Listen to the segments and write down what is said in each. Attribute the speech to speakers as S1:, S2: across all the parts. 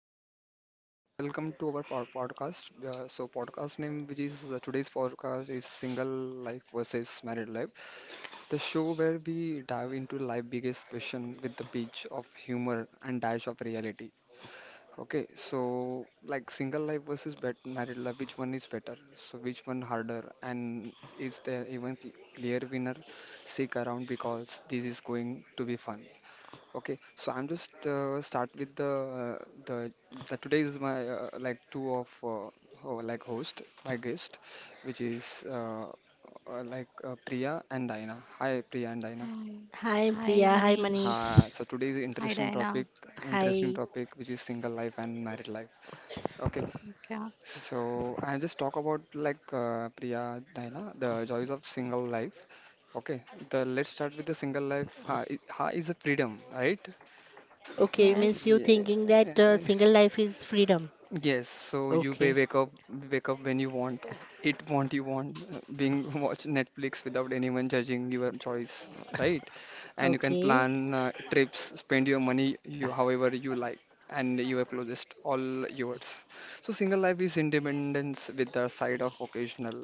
S1: Hey everyone, welcome to our podcast. Podcast name which is today's podcast is Single Life versus Married Life, the show where we dive into life biggest question with the pinch of humor and dash of reality. Okay, so like single life versus bet married life, which one is better? So, which one harder? And is there even clear winner? Stick around because this is going to be fun. Okay, so I'm just start with the uh, the, the today is my like two of ho like host my guest, which is like Priya and Dina. Hi Priya and Dina.
S2: Hi.
S3: Hi
S2: Hi,
S3: Priya, hi Manish.
S2: Manish.
S1: Hi. So today is
S2: Hi, Diana.
S1: interesting
S3: Hi.
S1: topic, which is single life and married life. Okay,
S2: Okay.
S1: so I just talk about like Priya Dina, the joys of single life. Okay, the let's start with the single life. Ha, ha is a freedom, right?
S3: Okay, means you
S2: Yes.
S3: thinking that
S1: Yeah.
S3: single life is freedom.
S1: Yes, so you wa-
S3: Okay.
S1: wake up wake up when you want. It want you want being watch Netflix without anyone judging your choice, right? And you can
S3: Okay.
S1: plan trips, spend your money you however you like and your closest all yours. So single life is independence with the side of occasional.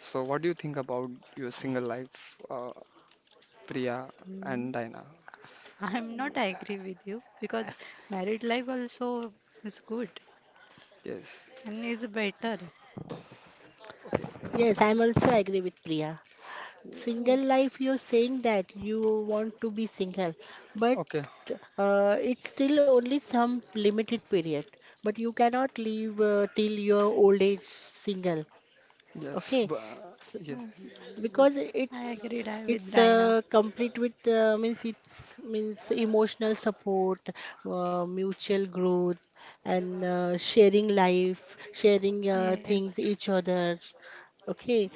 S1: So what do you think about your single life, Priya
S2: No,
S1: and Diana?
S2: I'm not agree with you because married life also is good
S1: Yes.
S2: and is better.
S1: Okay.
S3: Yes, I'm also agree with Priya. Single
S2: Yes.
S3: life, you're saying that you want to be single, but
S1: Okay.
S3: it's still only some limited period. But you cannot live till your old age single.
S1: Yes,
S3: Okay.
S1: but
S2: Yes.
S3: Because
S1: yes,
S3: it's
S2: I agree with
S3: it's
S2: Diana.
S3: uh, complete with means it's means emotional support, mutual growth, and sharing life, sharing
S2: Yes.
S3: things each other. Okay.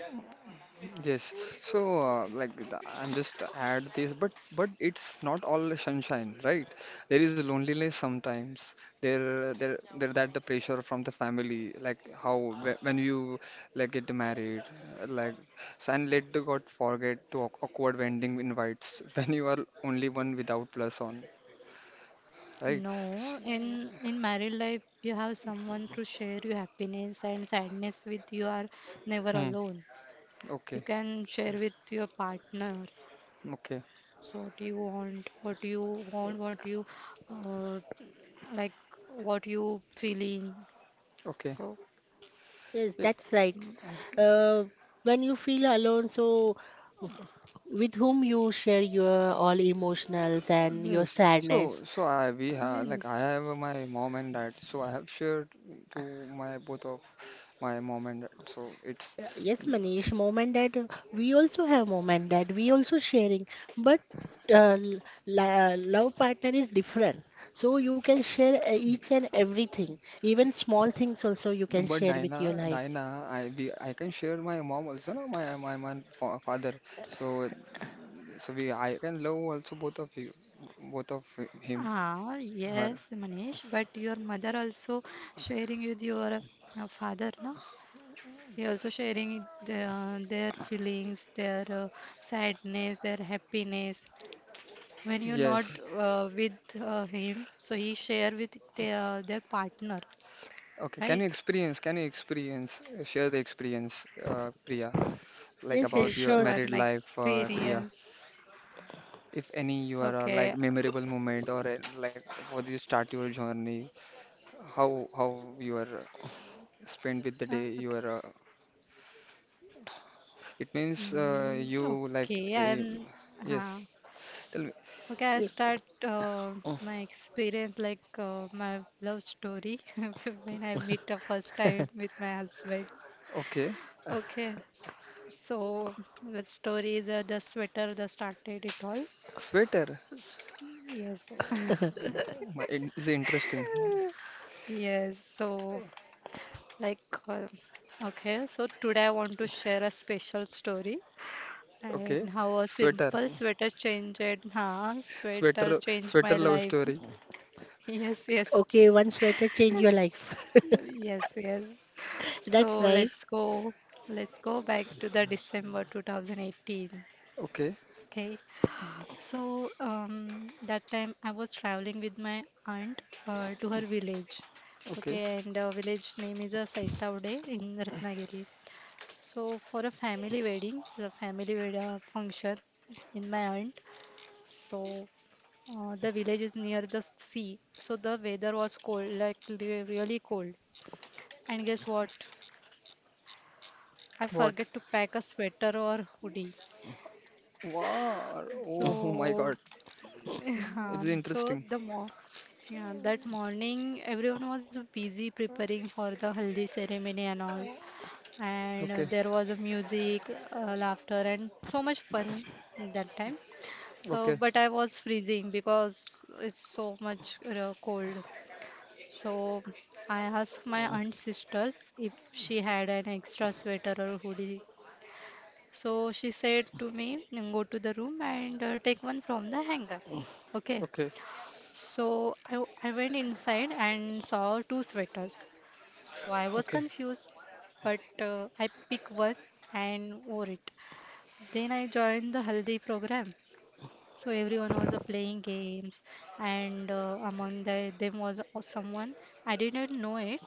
S1: yes. So, like, I'm just add this, but it's not all sunshine, right? There is loneliness sometimes. There that the pressure from the family, like how when you like get married, uh, like, so and let the God forget to awkward wedding invites when you are only one without plus on, right?
S2: No, in married life you have someone to share your happiness and sadness with. You are never
S1: Hmm.
S2: alone. You
S1: Okay.
S2: can share with your partner.
S1: Okay.
S2: So what you want, what you uh, like, what you feeling.
S1: Okay.
S2: So,
S3: Yes, that's right.
S2: mm,
S3: uh, when you feel alone, so with whom you share your all emotionals and your
S1: Yes,
S3: sadness?
S1: so so I we have like I
S2: yes,
S1: have my mom and dad, so I have shared to my both of my mom and dad.
S3: Yes,
S1: Mm,
S3: Manish, moment that we also have moment that we also sharing, but uh, l- love partner is different. So you can share each and everything, even small things also you can
S1: but
S3: share with your
S1: Dinah,
S3: life.
S1: Dinah, I we I can share my mom also, no? My father. So so we I can love also both of you, both of him,
S2: ah
S1: her.
S2: yes, Manish. But your mother also sharing with your father, na? He also sharing their feelings, their sadness, their happiness. When you're not
S1: Yes.
S2: with him, so he share with their partner,
S1: Okay. Can
S2: right?
S1: you experience? Can you experience? Share the experience, Priya, like
S3: Yes, yes,
S1: about
S2: Which
S1: your
S3: sure.
S1: married
S2: one
S1: life, Priya.
S2: experience?
S1: If any you are like
S2: Okay.
S1: memorable moment or like how do you start your journey how you are spent with the day
S2: Okay.
S1: you are it means
S2: Mm,
S1: you like
S2: okay. I'm.
S1: yes
S2: Huh.
S1: tell me.
S2: Okay. I
S1: Yes.
S2: start my experience like my love story when I meet the first time with my husband.
S1: Okay,
S2: Okay. So the story is the sweater that started it all.
S1: sweater.
S2: S- Yes.
S1: My, it is interesting.
S2: Yes. So like. Uh, okay. So today I want to share a special story.
S1: Okay,
S2: And how a
S1: sweater,
S2: simple sweater changed, huh? Sweater
S1: sweater,
S2: changed
S1: sweater
S2: my
S1: love
S2: life.
S1: story.
S2: Yes, yes,
S3: Okay, one sweater change your life.
S2: yes, yes. So
S3: That's nice.
S2: let's go back to the December 2018.
S1: Okay,
S2: Okay, so that time I was traveling with my aunt to her village.
S1: okay,
S2: Okay, and village name is Saitavade in Ratnagiri. So for a family wedding, the family function in my aunt. So the village is near the sea, so the weather was cold, like really cold. And guess what? I
S1: what,
S2: forget to pack a sweater or hoodie.
S1: wow, oh my god,
S2: So,
S1: it's
S2: yeah,
S1: interesting.
S2: so the mo yeah, that morning everyone was busy preparing for the haldi ceremony and all. And
S1: Okay,
S2: there was a music, laughter, and so much fun that time. So,
S1: okay,
S2: but I was freezing because it's so much cold. So I asked my aunt sisters if she had an extra sweater or hoodie. So she said to me, "Then go to the room and take one from the hanger." Okay.
S1: okay,
S2: So I went inside and saw two sweaters. So I was
S1: okay,
S2: confused, but I picked one and wore it. Then I joined the haldi program. So everyone was playing games, and among them was someone I didn't know it.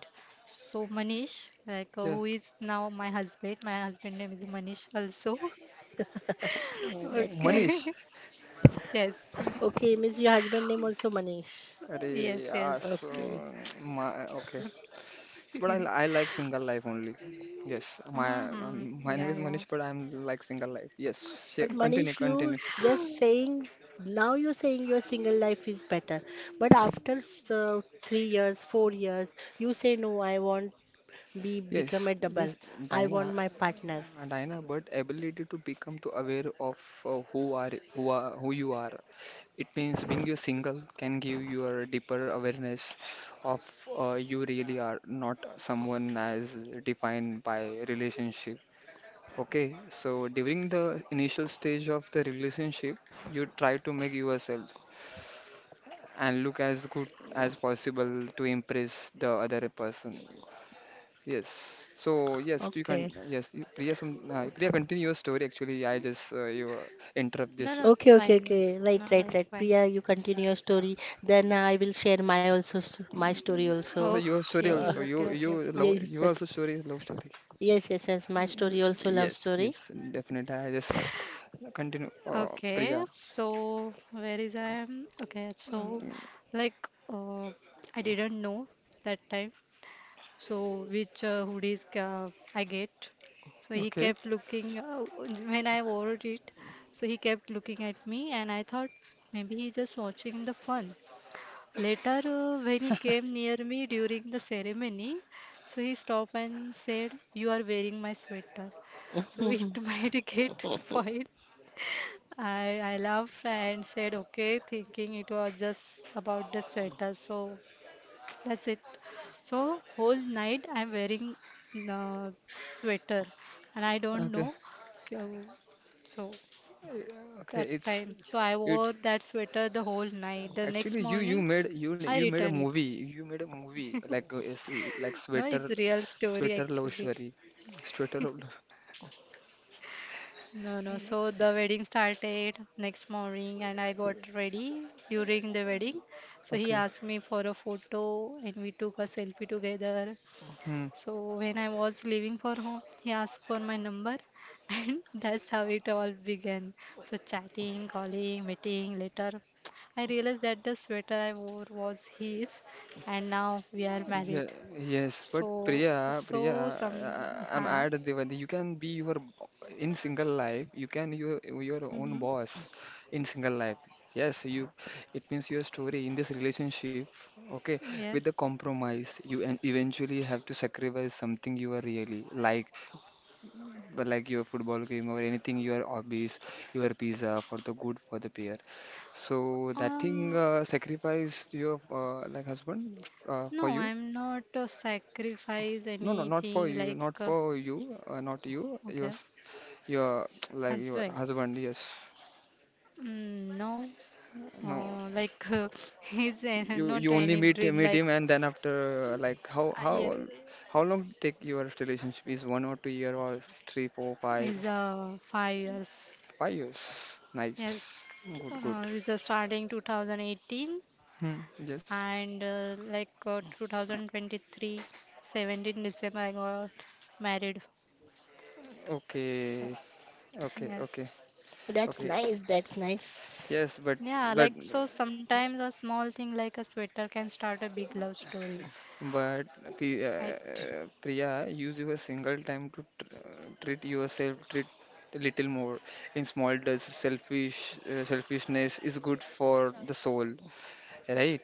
S2: So Manish, like
S1: yeah.
S2: who is now my husband. My husband name is Manish also.
S1: Oh,
S3: That's
S2: Okay.
S1: Manish.
S3: nice.
S2: Yes.
S3: Okay, means your husband name also Manish.
S1: Arey,
S2: Yes.
S1: yeah,
S2: Yes.
S1: so
S3: Okay.
S1: my okay. So, but I like single life only. Yes, my
S2: Hmm,
S1: my name
S2: yeah.
S1: is
S2: Yeah.
S1: Manish, but I'm like single life. Yes,
S3: But
S1: continue,
S3: Manish,
S1: continue.
S3: you just saying now you're saying your single life is better, but after 3 years, 4 years, you say no, I want be
S1: Yes,
S3: become a double.
S1: yes,
S3: I want
S1: Dinah,
S3: my partner.
S1: Dinah, but ability to become to aware of who you are. It means being you single can give you a deeper awareness of you really are not someone as defined by relationship. Okay, so during the initial stage of the relationship, you try to make yourself and look as good as possible to impress the other person. Yes. So yes, you can.
S3: Okay.
S1: Yes, Priya. Some Priya, continue your story. Actually, I just you interrupt
S2: No.
S1: this.
S2: No. It's
S3: Okay, okay,
S2: fine.
S3: okay. Right,
S2: No. No.
S3: right,
S2: It's
S3: right.
S2: fine.
S3: Priya, you continue your story. Then I will share my also my story
S1: Mm.
S3: also.
S1: Also, your story
S3: Uh,
S2: Okay.
S1: also.
S2: Okay.
S1: You
S2: Okay.
S1: you love
S2: Fine.
S3: yes,
S1: you
S3: yes,
S1: also story is love story.
S3: yes, yes, yes. My
S1: Y-
S2: Yes.
S3: story
S2: Yes.
S3: also love
S1: Yes,
S3: story.
S1: yes, definitely. I just continue.
S2: Okay,
S1: Priya.
S2: so where is I am? Okay, so
S1: Mm.
S2: like uh, I didn't know that time. So which hoodies I get? So he
S1: Okay.
S2: kept looking when I wore it. So he kept looking at me, and I thought maybe he's just watching the fun. Later, when he came near me during the ceremony, so he stopped and said, "You are wearing my sweater." So it might get spoiled. I laughed and said okay, thinking it was just about the sweater. So that's it. So whole night I'm wearing uh, sweater, and I don't
S1: Okay.
S2: know. uh, So
S1: Yeah. Okay,
S2: that time, so I wore
S1: it's
S2: that sweater the whole night. The next
S1: actually you you
S2: morning,
S1: made you
S2: I
S1: you made a
S2: returned it.
S1: movie you made a movie like it's like
S2: No,
S1: sweater,
S2: it's real story
S1: sweater love
S2: actually.
S1: story, sweater of love.
S2: No, no. So the wedding started next morning and I got ready during the wedding. So he
S1: Okay.
S2: asked me for a photo and we took a selfie together.
S1: Hmm.
S2: So when I was leaving for home, he asked for my number and that's how it all began. So chatting, calling, meeting later. I realized that the sweater I wore was his and now we are
S1: Yeah,
S2: married.
S1: yes, but
S2: So
S1: Priya, Priya,
S2: so some,
S1: I, I'm
S2: huh.
S1: at Devandi. You can be your in single life. You can your
S2: Hmm,
S1: own boss in single life. Yes, you. It means your story in this relationship. Okay, with the
S2: yes.
S1: compromise, you and eventually have to sacrifice something you are really like, but like your football game or anything, your hobbies, your pizza for the good for the peer. So that thing
S2: Um,
S1: sacrifice your like husband for
S2: No,
S1: you.
S2: I'm not sacrifice
S1: No, no, not for
S2: anything
S1: you,
S2: like
S1: not for you, not you.
S2: okay,
S1: Your, like your
S2: husband.
S1: husband. Yes.
S2: Mm, no,
S1: No,
S2: like he's
S1: you,
S2: not
S1: you only
S2: any
S1: meet
S2: dream
S1: meet
S2: like
S1: him, and then after, like, how
S2: yeah,
S1: how how long take your relationship? Is 1 or 2 year or three, four, five,
S2: is 5 years.
S1: 5 years? Nice.
S2: Yes,
S1: Good, good.
S2: it's starting 2018
S1: Hmm. Yes.
S2: and like 2023, 17 December I got married. So
S1: Okay. Okay. Okay.
S2: yes,
S3: That's
S1: Okay.
S3: nice. That's nice.
S1: Yes, but
S2: yeah,
S1: but
S2: like so sometimes a small thing like a sweater can start a big love story.
S1: But
S2: Right.
S1: Priya, use your single time to treat yourself, treat a little more. In small doses, selfishness is good for the soul, right?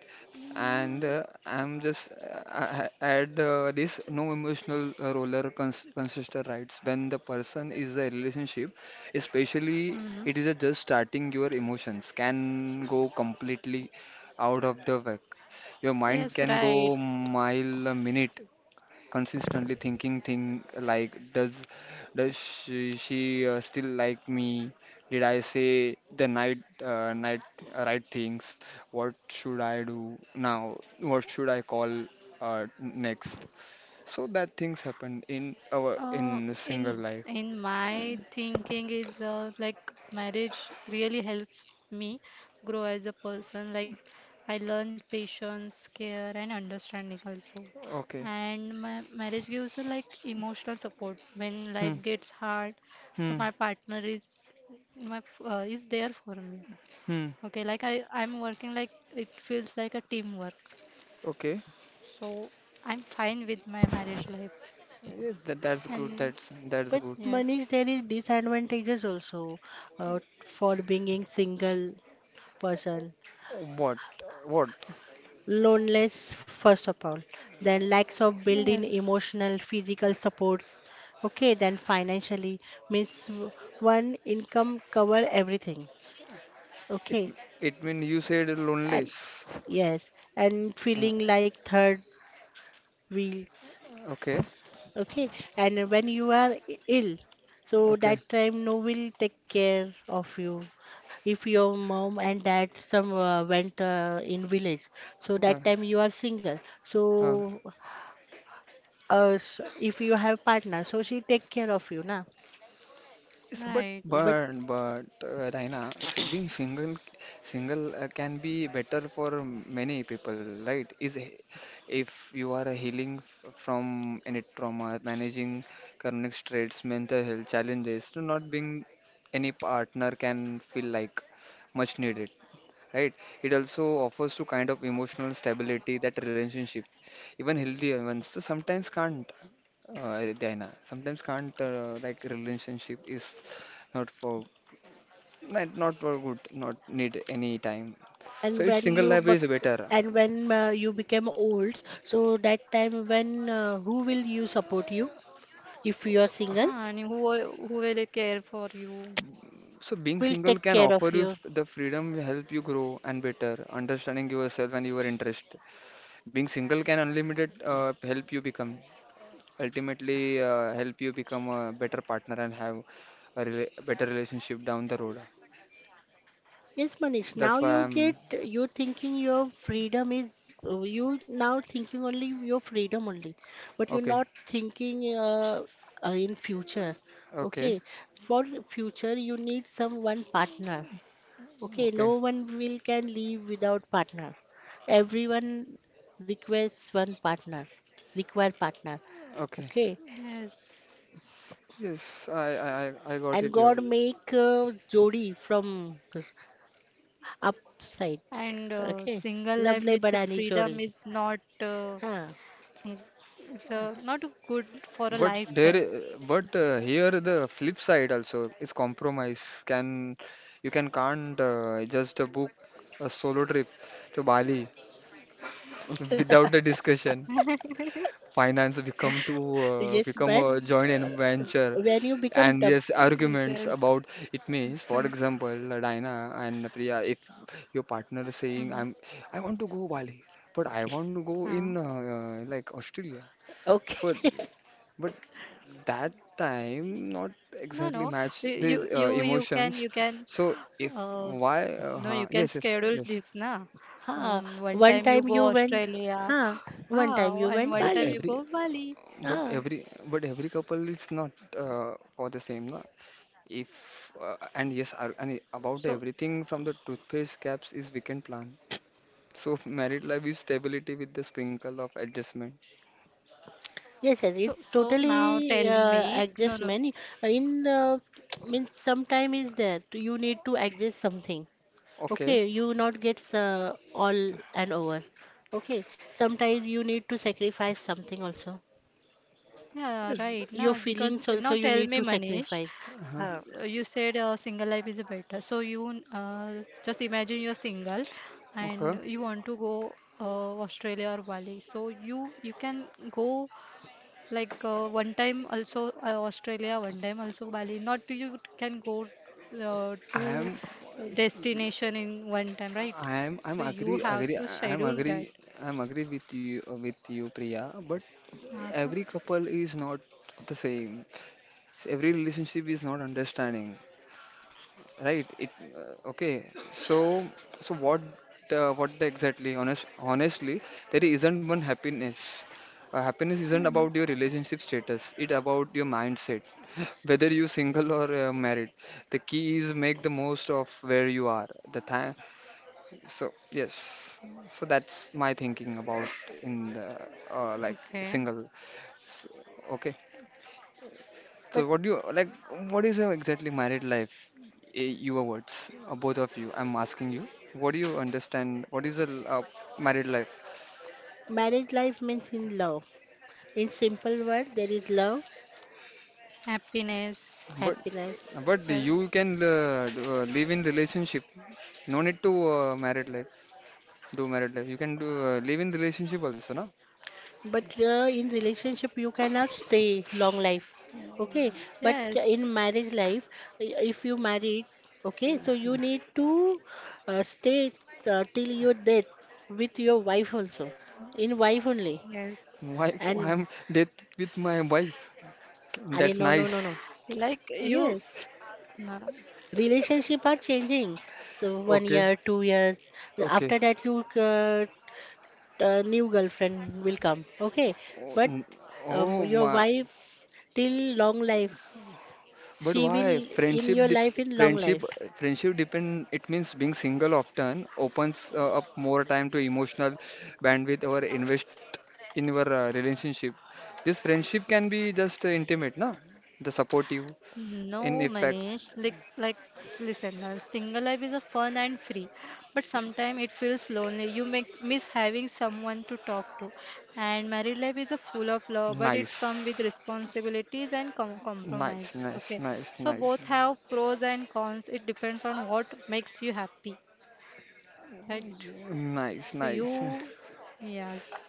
S1: And
S2: Mm,
S1: I'm just add this no emotional roller cons coaster rides when the person is a relationship, especially
S2: hmm,
S1: it is a just starting your emotions can go completely out of the way your mind can
S2: yes,
S1: go
S2: right.
S1: mile a minute, consistently thinking thing like does she still like me? Did I say the night night right things? What should I do now? What should I call next? So that things happen in our
S2: Uh,
S1: in single
S2: in
S1: life.
S2: in my thinking is like marriage really helps me grow as a person. Like I learned patience, care, and understanding also.
S1: Okay.
S2: And my marriage gives a like emotional support when
S1: Hmm.
S2: life gets hard. So
S1: Hmm.
S2: my partner is my is there for me.
S1: Hmm.
S2: Okay, like I'm working like it feels like a teamwork.
S1: Okay.
S2: So I'm fine with my marriage life.
S1: Yes, that's good.
S2: And
S1: That's
S3: But
S1: good.
S3: Manish,
S2: yes,
S3: there is disadvantages also for being single person.
S1: What? What?
S3: Loneliness, first of all, then lacks of built-in
S2: yes,
S3: emotional, physical supports. Okay, then financially means one income cover everything.
S1: It
S3: Okay,
S1: it mean you said
S3: and
S1: loneless.
S3: yes, and
S1: Uh,
S3: feeling like third wheels.
S1: okay,
S3: Okay, and when you are ill, so
S1: okay.
S3: that time no will take care of you. If your mom and dad some went in village, so
S1: Uh,
S3: that time you are single.
S1: uh,
S3: So if you have partner, so she take care of you, na.
S1: yes, but
S2: right.
S3: But
S1: Raina, being single single can be better for many people, right? If you are healing from any trauma, managing chronic stress, mental health challenges, to not being any partner can feel like much needed. Right? It also offers to kind of emotional stability that relationship, even healthy ones. So sometimes can't, Diana, sometimes can't like relationship is not for not for good, not need any time. So
S3: and
S1: it's
S3: when
S1: single
S3: you
S1: life is better.
S3: and when you become old, so that time when who will you support you if you are
S2: Ah,
S3: single?
S2: and who will care for you?
S1: So being
S3: Will
S1: single
S3: take
S1: can
S3: care of
S1: offer you
S3: you.
S1: the freedom, help you grow and better, understanding yourself and your interest. Being single can unlimited help you become a better partner and have a rela better relationship down the road.
S3: Yes, Manish, now
S1: That's why
S3: you get
S1: I'm
S3: you thinking your freedom is you now thinking only your freedom only, but you're
S1: okay,
S3: not thinking in future.
S1: okay,
S3: Okay, for future you need some one partner. Okay,
S1: okay,
S3: no one will can live without partner. Everyone requests one partner, require partner.
S1: okay.
S3: Okay,
S2: Yes.
S1: Yes, I I got
S3: and
S1: it here.
S3: God make jodi from upside.
S2: And
S3: Okay,
S2: single
S3: rab
S2: life
S3: ne
S2: with the
S3: badani jodi.
S2: freedom is not
S3: Huh.
S2: mm, it's not good for a
S1: But
S2: lifetime.
S1: but here the flip side also is compromise. Can you can can't just book a solo trip to Bali without a discussion. Finance become to
S3: Yes,
S1: become
S3: but
S1: a joint venture
S3: when you become
S1: and
S3: dub,
S1: yes
S2: Yes,
S1: arguments
S2: yes.
S1: about it means for example Dina and Priya if your partner is saying
S2: Mm-hmm.
S1: I want to go Bali but I want to go
S2: Huh.
S1: in like Australia for
S3: okay.
S1: but that time not
S2: No,
S1: exactly
S2: no.
S1: match
S2: You
S1: the
S2: you you you can
S1: emotions
S2: you can
S1: so if
S2: uh,
S1: why
S2: no, you can
S1: yes yes
S2: schedule
S1: yes
S2: this na.
S3: Huh.
S2: One
S3: One
S2: time you
S3: time
S2: go
S3: you went,
S2: Australia,
S3: huh? One time you
S2: and
S3: went
S1: but
S2: one time
S3: Bali.
S2: you
S1: every
S2: go Bali.
S1: but
S3: Huh.
S1: every but every couple is not for the same no? If and yes, and about
S2: So
S1: everything from the toothpaste caps is weekend plan. So married life is stability with the sprinkle of adjustment.
S3: Yes, yes.
S2: so
S3: It's
S2: so now
S3: totally
S2: tell me. No,
S3: adjust
S2: no.
S3: many. In means sometime is there. You need to adjust something.
S1: Okay.
S3: Okay. You not get all and over. Okay. Sometimes you need to sacrifice something also.
S2: Yeah,
S1: Yes.
S2: right.
S3: Your
S2: Now because
S3: feelings also
S2: now
S3: you
S2: tell
S3: need
S2: me,
S3: to
S2: Manish.
S3: sacrifice.
S1: Uh-huh.
S3: Huh.
S2: You said single life is better. So you just imagine you're single
S1: Okay.
S2: and you want to go Australia or Bali. So you can go. Like one time also Australia, one time also Bali. Not to you can go to
S1: I am.
S2: destination in one time, right?
S1: I am. I'm
S2: So you
S1: agree.
S2: have
S1: Agree.
S2: to
S1: I am
S2: schedule that.
S1: agree. I'm agree with you. With you, Priya. But
S2: Awesome.
S1: every couple is not the same. Every relationship is not understanding. Right. It okay. So so what the exactly honest honestly there isn't one happiness. Happiness isn't
S2: Hmm,
S1: about your relationship status. It about your mindset. Whether you single or married, the key is make the most of where you are. The time. So yes. So that's my thinking about in the like
S2: okay.
S1: single. Okay.
S3: But
S1: So what do you like? What is your exactly married life? Eh, your words, both of you. I'm asking you. What do you understand? What is a married life?
S3: marriage life means in love. In simple word, there is love,
S2: Happiness.
S1: But
S3: happiness.
S1: but you can
S2: Yes.
S1: live in relationship. No need to married life. Do married life. You can do live in relationship also, na?
S3: But in relationship, you cannot stay long life. Okay, but in
S2: Yes.
S3: marriage life, if you married, okay, so you need to stay till your death with your wife also, in wife only.
S1: Why
S2: Yes.
S3: And
S1: I'm dead with my wife?
S3: I
S1: That's
S3: no, no, no,
S1: nice.
S3: no.
S2: Like you.
S3: Yes,
S2: No.
S3: relationship are changing. So one
S1: Okay,
S3: year, 2 years. After
S1: okay.
S3: that, you new girlfriend will come. Okay,
S1: Oh,
S3: but
S1: oh
S3: your
S1: my.
S3: wife till long life
S1: But
S3: she will
S1: why?
S3: in your life in long
S1: Friendship,
S3: life.
S1: friendship depend. It means being single often opens up more time to emotional bandwidth or invest in your relationship. This friendship can be just intimate, na? The supportive, in
S2: No,
S1: effect,
S2: Manish. Like, listen, single life is a fun and free, but sometimes it feels lonely. You miss having someone to talk to, and married life is a full of love, but it's come with
S1: nice,
S2: responsibilities and
S1: nice,
S2: compromises.
S1: nice,
S2: Okay,
S1: nice,
S2: so both
S1: nice,
S2: have pros and cons. It depends on what makes you happy, right?
S1: nice,
S2: So
S1: nice.
S2: you, yes.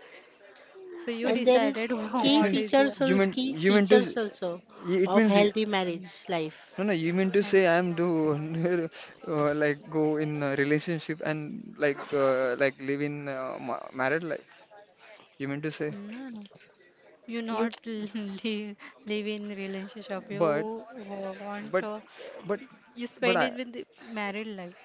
S2: So you
S3: And
S1: Yes,
S3: there is
S2: decided
S1: it
S3: key
S2: what
S1: means
S2: is.
S3: features also, key
S1: you meant to.
S3: features
S1: S-
S3: also
S1: It
S3: of
S1: means
S3: healthy marriage life.
S1: No, no, you mean
S2: Yes.
S1: to say I'm do like go in a relationship and like married life. You mean to say,
S2: No, no. You
S3: You
S2: not live in relationship. You
S1: but
S2: want
S1: but
S2: to
S1: but
S2: you
S1: but
S2: spend
S1: I
S2: it with the married life.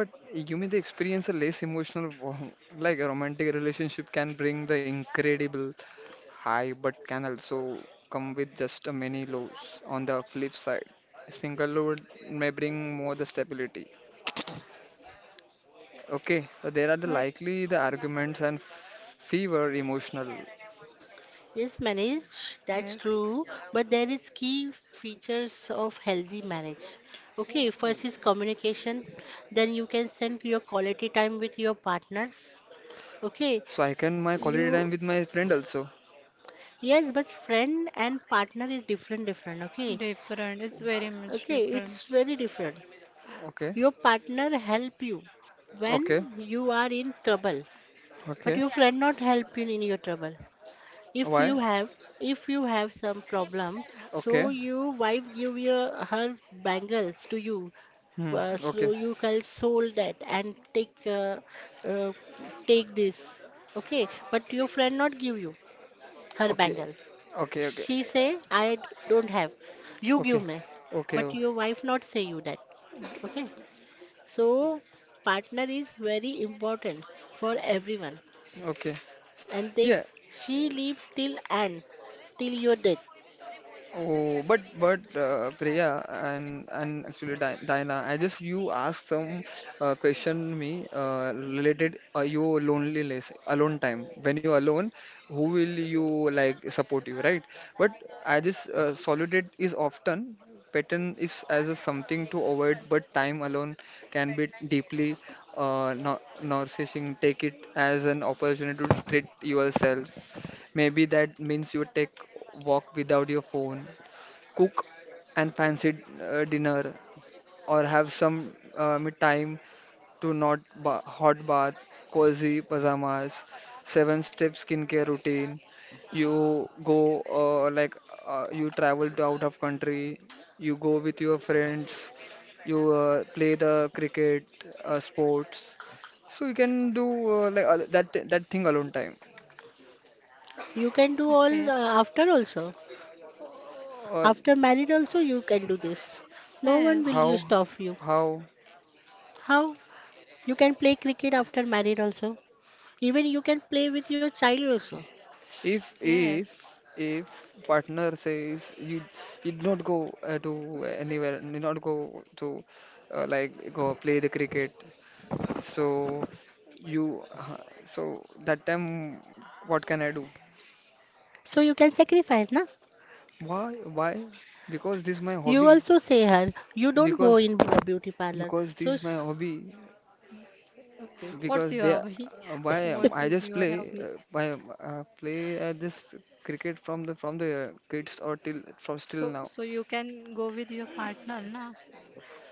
S1: but you mean the experience a less emotional like a romantic relationship can bring the incredible high, but can also come with just a many lows. On the flip side, single load may bring more the stability. Okay, so there are the
S2: Like
S1: likely the arguments and fever emotional.
S3: yes manage, that's
S2: yes,
S3: true, but there is key features of healthy marriage. Okay, first is communication, then you can spend your quality time with your partners. Okay,
S1: So I can my
S3: you.
S1: quality time with my friend also.
S3: Yes, but friend and partner is different, different. Okay,
S2: different. It's very much
S3: okay,
S2: different.
S3: it's very different.
S1: Okay,
S3: Your partner help you when
S1: okay,
S3: you are in trouble, but
S1: okay.
S3: your friend not help you in your trouble. If
S1: Why?
S3: you have, if you have some problem, so
S1: Okay.
S3: you wife give your her bangles to you,
S1: Hmm.
S3: so
S1: Okay.
S3: you can sold that and take uh, take this. Okay, but your friend not give you her
S1: Okay.
S3: bangle.
S1: Okay. Okay.
S3: She say, don't have. You give
S1: Okay.
S3: me.
S1: Okay.
S3: But your wife not say you that. Okay. So partner is very important for everyone.
S1: Okay.
S3: And they
S1: Yeah.
S3: she live till end, till your death.
S1: Oh, but Priya and actually Diana, I just you asked some question me related your loneliness, alone time. When you alone, who will you like support you, right? But I just solitude is often pattern is as a something to avoid, but time alone can be deeply narcissistic. Take it as an opportunity to treat yourself. Maybe that means you take walk without your phone cook and fancy dinner or have some me time to not ba hot bath, cozy pajamas, seven step skincare routine. You go you travel to out of country, you go with your friends, you play the cricket sports. So you can do that thing alone time.
S3: You can do
S2: Okay.
S3: all after also.
S1: Uh,
S3: After married also you can do this. No one
S2: Yes.
S3: will you
S1: how
S3: stop you.
S1: how
S3: How? You can play cricket after married also. Even you can play with your child also.
S1: If if
S2: Yes.
S1: if partner says you you do not go to anywhere, you not go to like go play the cricket, so you so that time what can I do?
S3: So you can sacrifice, na?
S1: Why? Because this is my
S3: You
S1: hobby.
S3: also say her, you don't go
S1: Because
S3: in a beauty parlor.
S1: because this is my hobby.
S3: Okay,
S2: What's
S1: Because
S2: your
S1: be-
S2: hobby?
S1: why
S2: What
S1: am- I
S2: is
S1: just
S2: your
S1: play
S2: hobby?
S1: why am- play this cricket from the kids or till from still
S2: So
S1: now.
S2: so you can go with your partner, na?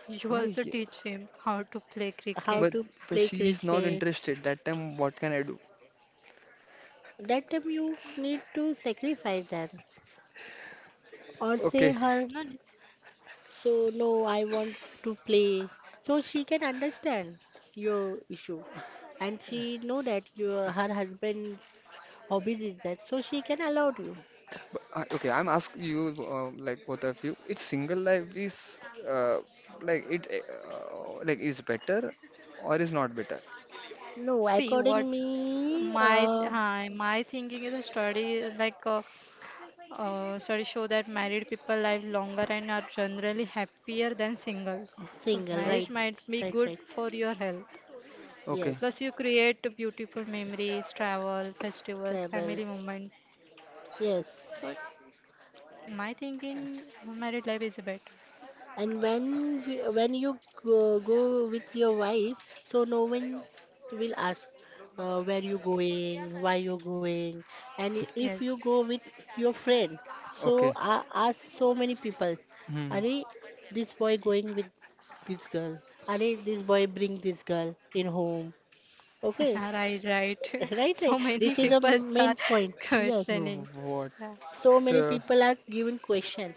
S2: You also teach him how to play
S3: how
S2: cricket.
S1: But
S3: to
S1: but
S3: play
S1: she is not
S3: cricket?
S1: interested. That time, what can I do?
S3: That time you need to sacrifice that. Or say
S1: Okay,
S3: her,
S2: No. No.
S3: so no, I want to play. So she can understand your issue. And she know that your her husband hobbies is that. So she can allow you.
S1: I'm asking you, like both of you, it's single life is uh, like it like is better or is not better?
S3: No,
S2: See what
S3: according me,
S2: my thinking is a study like studies show that married people live longer and are generally happier than single. So
S3: single,
S1: Uh,
S3: right?
S2: marriage might be
S3: Right,
S2: good
S3: right.
S2: for your health.
S1: okay,
S3: Yes,
S2: Plus, you create beautiful memories, travel, festivals,
S3: travel.
S2: family moments. So,
S3: Yes.
S2: my thinking, married life is better.
S3: And when you go, go with your wife, so no one will ask where you going, why you going. And if you
S2: Yes,
S3: go with your friend, so
S1: okay.
S3: I ask so many people,
S1: Hmm.
S3: are this boy going with this girl? Are this boy bring this girl in home? Okay,
S2: right, right.
S3: right, right.
S2: So many
S3: This is a
S2: people
S3: main
S2: are
S3: point. Yes,
S2: questioning.
S1: What?
S2: Yeah.
S3: so many
S1: Uh,
S3: people are given question,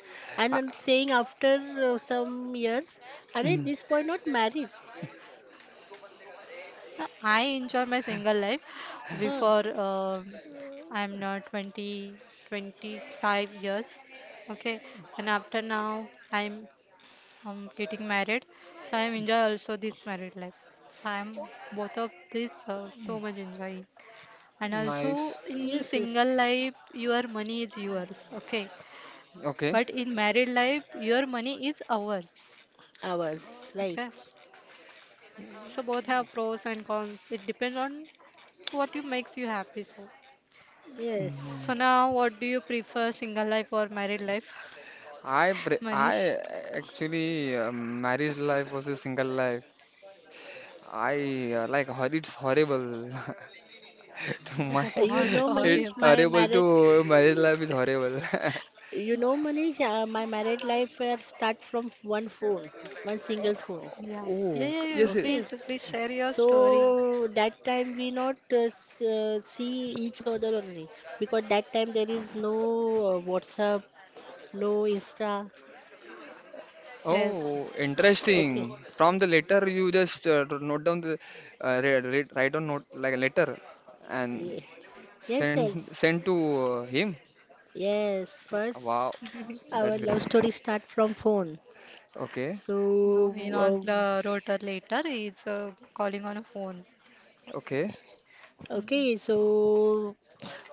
S1: I,
S3: and I'm saying after some years are they
S1: mm,
S3: this boy not married,
S2: I enjoy my single life
S3: huh?
S2: before I'm not 20, 25 years. Okay, and after now I'm getting married, so I'm enjoy also this married life. So I'm both of this so much enjoying, and also
S1: nice.
S2: in
S3: Yes,
S2: single
S3: yes,
S2: life your money is yours. Okay,
S1: Okay.
S2: but in married life your money is ours.
S3: ours,
S2: Okay.
S3: right.
S2: So both have pros and cons. It depends on what you makes you happy. So,
S1: Mm.
S3: Yes,
S2: so now, what do you prefer, single life or married life, Manish?
S1: I actually marriage life was a single life. I it's horrible. To my
S3: you
S2: What
S3: know
S1: it
S3: manish
S2: horrible.
S3: my
S1: horrible
S3: married
S1: to marriage life is horrible.
S3: you know Manish, my married life start from one phone, one single phone.
S2: Yeah. Yeah,
S1: Oh,
S2: yeah, yeah.
S1: yes. Yes.
S3: Okay,
S2: Please, please share your
S3: so
S2: story.
S3: that time we not see each other only, because that time there is no WhatsApp, no Insta.
S1: Oh,
S2: Yes.
S3: Okay.
S1: interesting. From the letter you just note down the write down note like a letter and
S3: Yeah. Yes,
S1: send
S3: yes,
S1: send to him.
S3: yes.
S1: Wow,
S3: First, our
S1: that's
S3: love
S1: great.
S3: story start from phone.
S1: Okay,
S3: So,
S2: No,
S3: uh,
S2: the rotor later is calling on a phone.
S1: okay,
S2: Mm.
S3: okay, so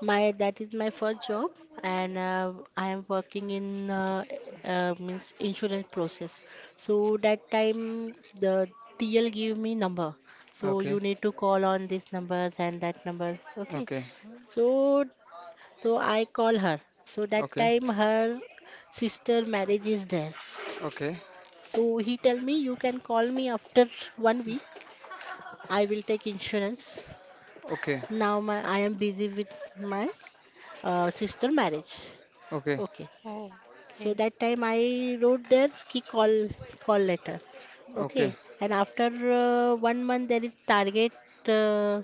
S3: my that is my first job, and I am working in means insurance process. So that time the TL give me number. So you
S1: okay,
S3: need to call on these numbers and that numbers. Okay,
S1: okay,
S3: so so I call her. So that
S1: okay, okay,
S3: time her sister marriage is there. So he tell me you can call me after 1 week. I will take insurance.
S1: okay,
S3: Now my I am busy with my sister marriage.
S1: okay, okay,
S3: Okay.
S2: Oh,
S3: So
S2: okay.
S3: that time I wrote their ski call, call letter.
S1: okay,
S3: Okay, and after 1 month there is target uh,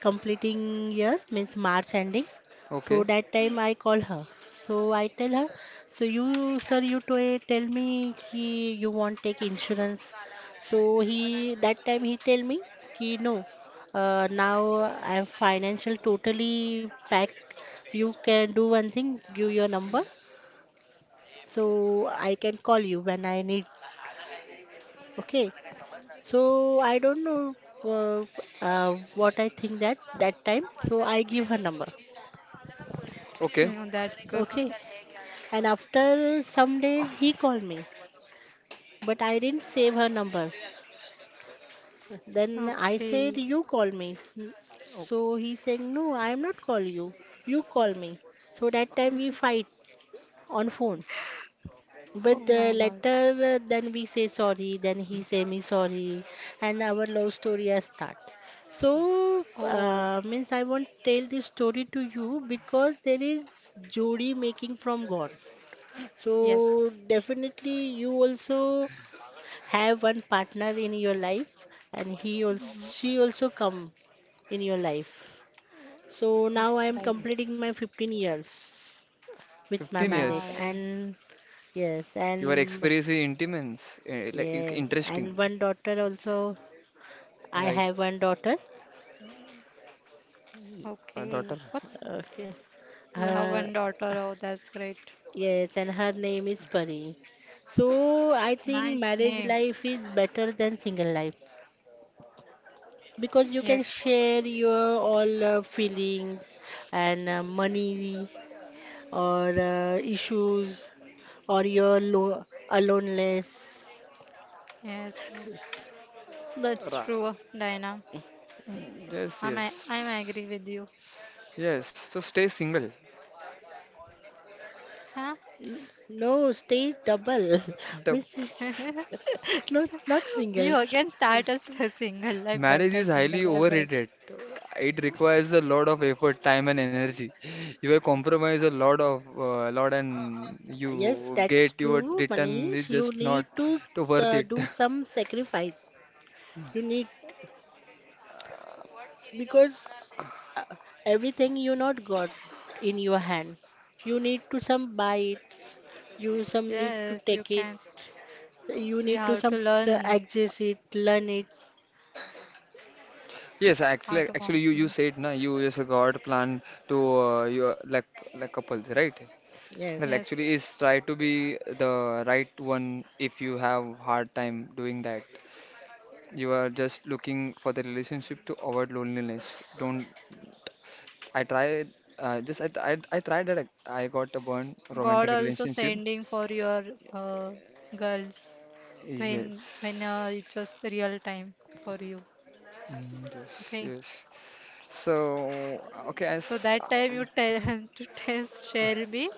S3: completing year means March ending. So
S1: okay.
S3: that time I call her. So I tell her, so you sir you to tell me ki you want take insurance. So he that time he tell me ki no. Now I'm financial totally packed. You can do one thing, give your number so I can call you when I need. Okay. So I don't know what I think that that time. So I give her number.
S1: Okay.
S2: Mm, that's good.
S3: Okay. And after some days he called me, but I didn't save her number. Then I
S2: Okay.
S3: said you call me.
S1: Oh,
S3: So he's saying no, I am not call you. You call me. So that time we fight on phone.
S2: Oh
S3: But
S2: my God.
S3: later, then we say sorry, then he say me sorry, and our love story has start. So,
S2: Oh,
S3: means I won't tell this story to you because there is jodi making from God. So
S2: yes.
S3: definitely, you also have one partner in your life, and he
S2: Mhm.
S3: also she also come in your life. So now
S2: That's
S3: I am
S2: right.
S3: completing my 15 years with my
S1: 15
S3: marriage,
S2: Wow.
S1: years.
S3: and yes,
S1: Your
S3: and
S1: experience is intense, eh, like
S3: yes, and
S1: interesting,
S3: one daughter also. I
S1: right?
S3: have one daughter.
S2: Okay.
S1: Daughter.
S2: What's,
S3: Okay.
S2: you have
S1: Then.
S3: Her,
S2: one daughter? Oh, that's great.
S3: yes, and her name is Pari. So I think
S2: Nice
S3: marriage
S2: name.
S3: life is better than single life because you can
S2: Yes.
S3: share your all feelings and money or issues or your lo aloneness.
S2: Yes. Yes. That's
S1: Ra-
S2: true, Diana.
S1: Yes,
S2: I'm
S1: yes,
S2: agree with you.
S1: yes. So stay single.
S2: Huh?
S3: No, stay double. Means no, not single.
S2: You again start as
S1: The
S2: a single. I
S1: Marriage
S2: bet a
S1: is highly
S2: single. I bet.
S1: overrated. It requires a lot of effort, time, and energy. You will compromise a lot of and
S3: Yes,
S1: you
S3: that's
S1: get your
S3: true,
S1: return is
S3: Manish. You
S1: just
S3: need
S1: not
S3: to
S1: too worth it.
S3: do some sacrifice. You need because everything you not got in your hand. You need to some buy it. You some need to
S2: Yes, you
S3: take it.
S2: can.
S3: You
S2: We
S3: need to
S2: have to
S3: some
S2: learn
S3: access it, learn it.
S1: Yes,
S2: how to
S1: actually, you
S2: compliment.
S1: said na you just got plan to your like couples, right?
S3: Yes.
S1: Well, actually,
S2: Yes.
S1: is try to be the right one if you have hard time doing that. You are just looking for the relationship to avoid loneliness. Don't I tried that I got a one
S2: God
S1: romantic
S2: also
S1: relationship.
S2: sending for your uh, girls when
S1: Yes.
S2: it's just real time for you.
S1: Mm, yes,
S2: Okay.
S1: yes. So okay,
S2: So
S1: as
S2: that time you tell to test shall be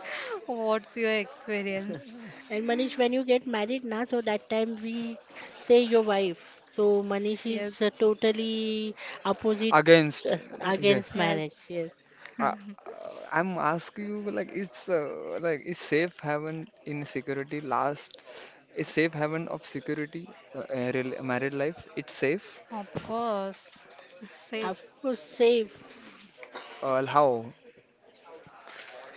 S2: what's your experience?
S3: And Manish, when you get married now, so that time we say your wife. So Manish
S2: Yes.
S3: is totally opposite
S1: against yeah,
S3: against marriage.
S2: Yes.
S3: Yes.
S1: I, I'm asking you like it's is safe haven of security married life it's safe
S2: Of course. It's safe.
S3: Of course, safe.
S1: uh, how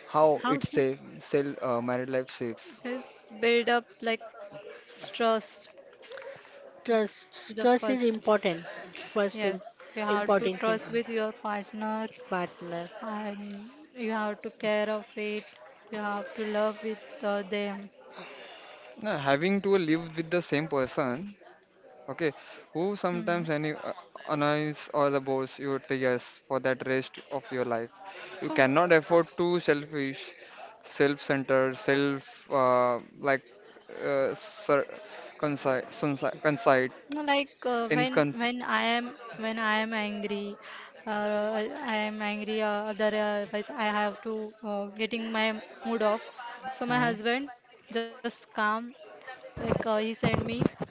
S1: how
S3: How's
S1: it's
S3: it?
S1: safe sell married life safe
S2: It's build up like trust
S3: Trust.
S2: is the
S3: Trust is
S2: first.
S3: important. First im-
S2: Yes. You have to
S3: important thing.
S2: trust with your partner
S3: Partner.
S2: and you have to care of it you have to love with them
S1: No, having to live with the same person, okay, who
S2: mm.
S1: sometimes any, annoys or the boss your tears for that rest of your life. You
S2: So,
S1: cannot afford to selfish, self-centered, self sir, conci conci conceit
S2: like
S1: in con
S2: when I am when I am angry, I am angry, other, if I have to getting my mood off, so my
S1: hmm?
S2: husband just calm, like he sent me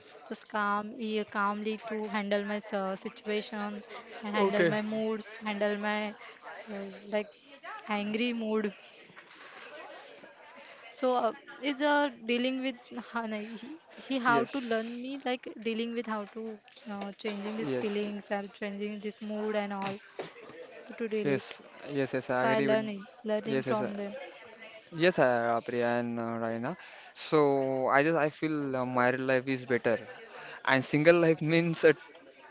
S2: just calm, he calmly to handle my situation and handle
S1: Okay.
S2: my moods, handle my like angry mood. So is dealing with how he how to learn
S1: Yes.
S2: me like dealing with how to changing these
S1: Yes,
S2: feelings and changing this mood and all to deal it.
S1: yes, yes, yes, I
S2: So I
S1: agree with
S2: learning
S1: yes,
S2: learning
S1: yes,
S2: from them.
S1: yes, Priya and Raina. So I feel married life is better, and single life means a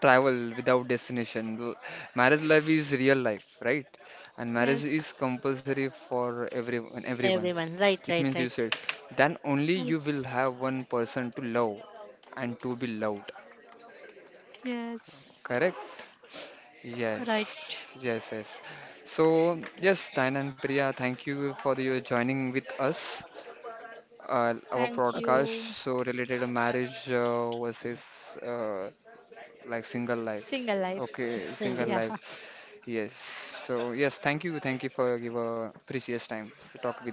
S1: travel without destination. Marriage life is real life, right? And marriage is
S2: Yes,
S1: compulsory for everyone. Everyone.
S3: Everyone. Right,
S1: It
S3: right,
S1: means you
S3: right.
S1: said then only you will
S2: yes,
S1: have one person to love and to be loved.
S2: yes.
S1: Correct?
S2: Right.
S1: Yes, yes, yes. So, yes, Diana and Priya, thank you for your joining with us. Our
S2: Thank
S3: Okay.
S1: broadcast
S2: you.
S1: so related to marriage versus like single life.
S2: Single life.
S1: Okay,
S3: Thank you.
S1: single
S2: Yeah.
S1: life. Yes. So, yes, thank you for your precious time to talk with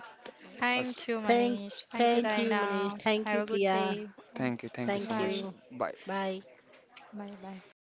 S1: us.
S2: Thank you,
S3: Thank,
S2: Manish. Thank you,
S3: thank you, Manish.
S2: Raina.
S3: Thank
S2: Have
S3: you,
S2: a good
S3: Priya.
S2: day.
S1: Thank you so
S3: Thank
S2: Bye.
S1: much.
S3: you.
S1: Bye.
S3: Bye.
S2: Bye. Bye.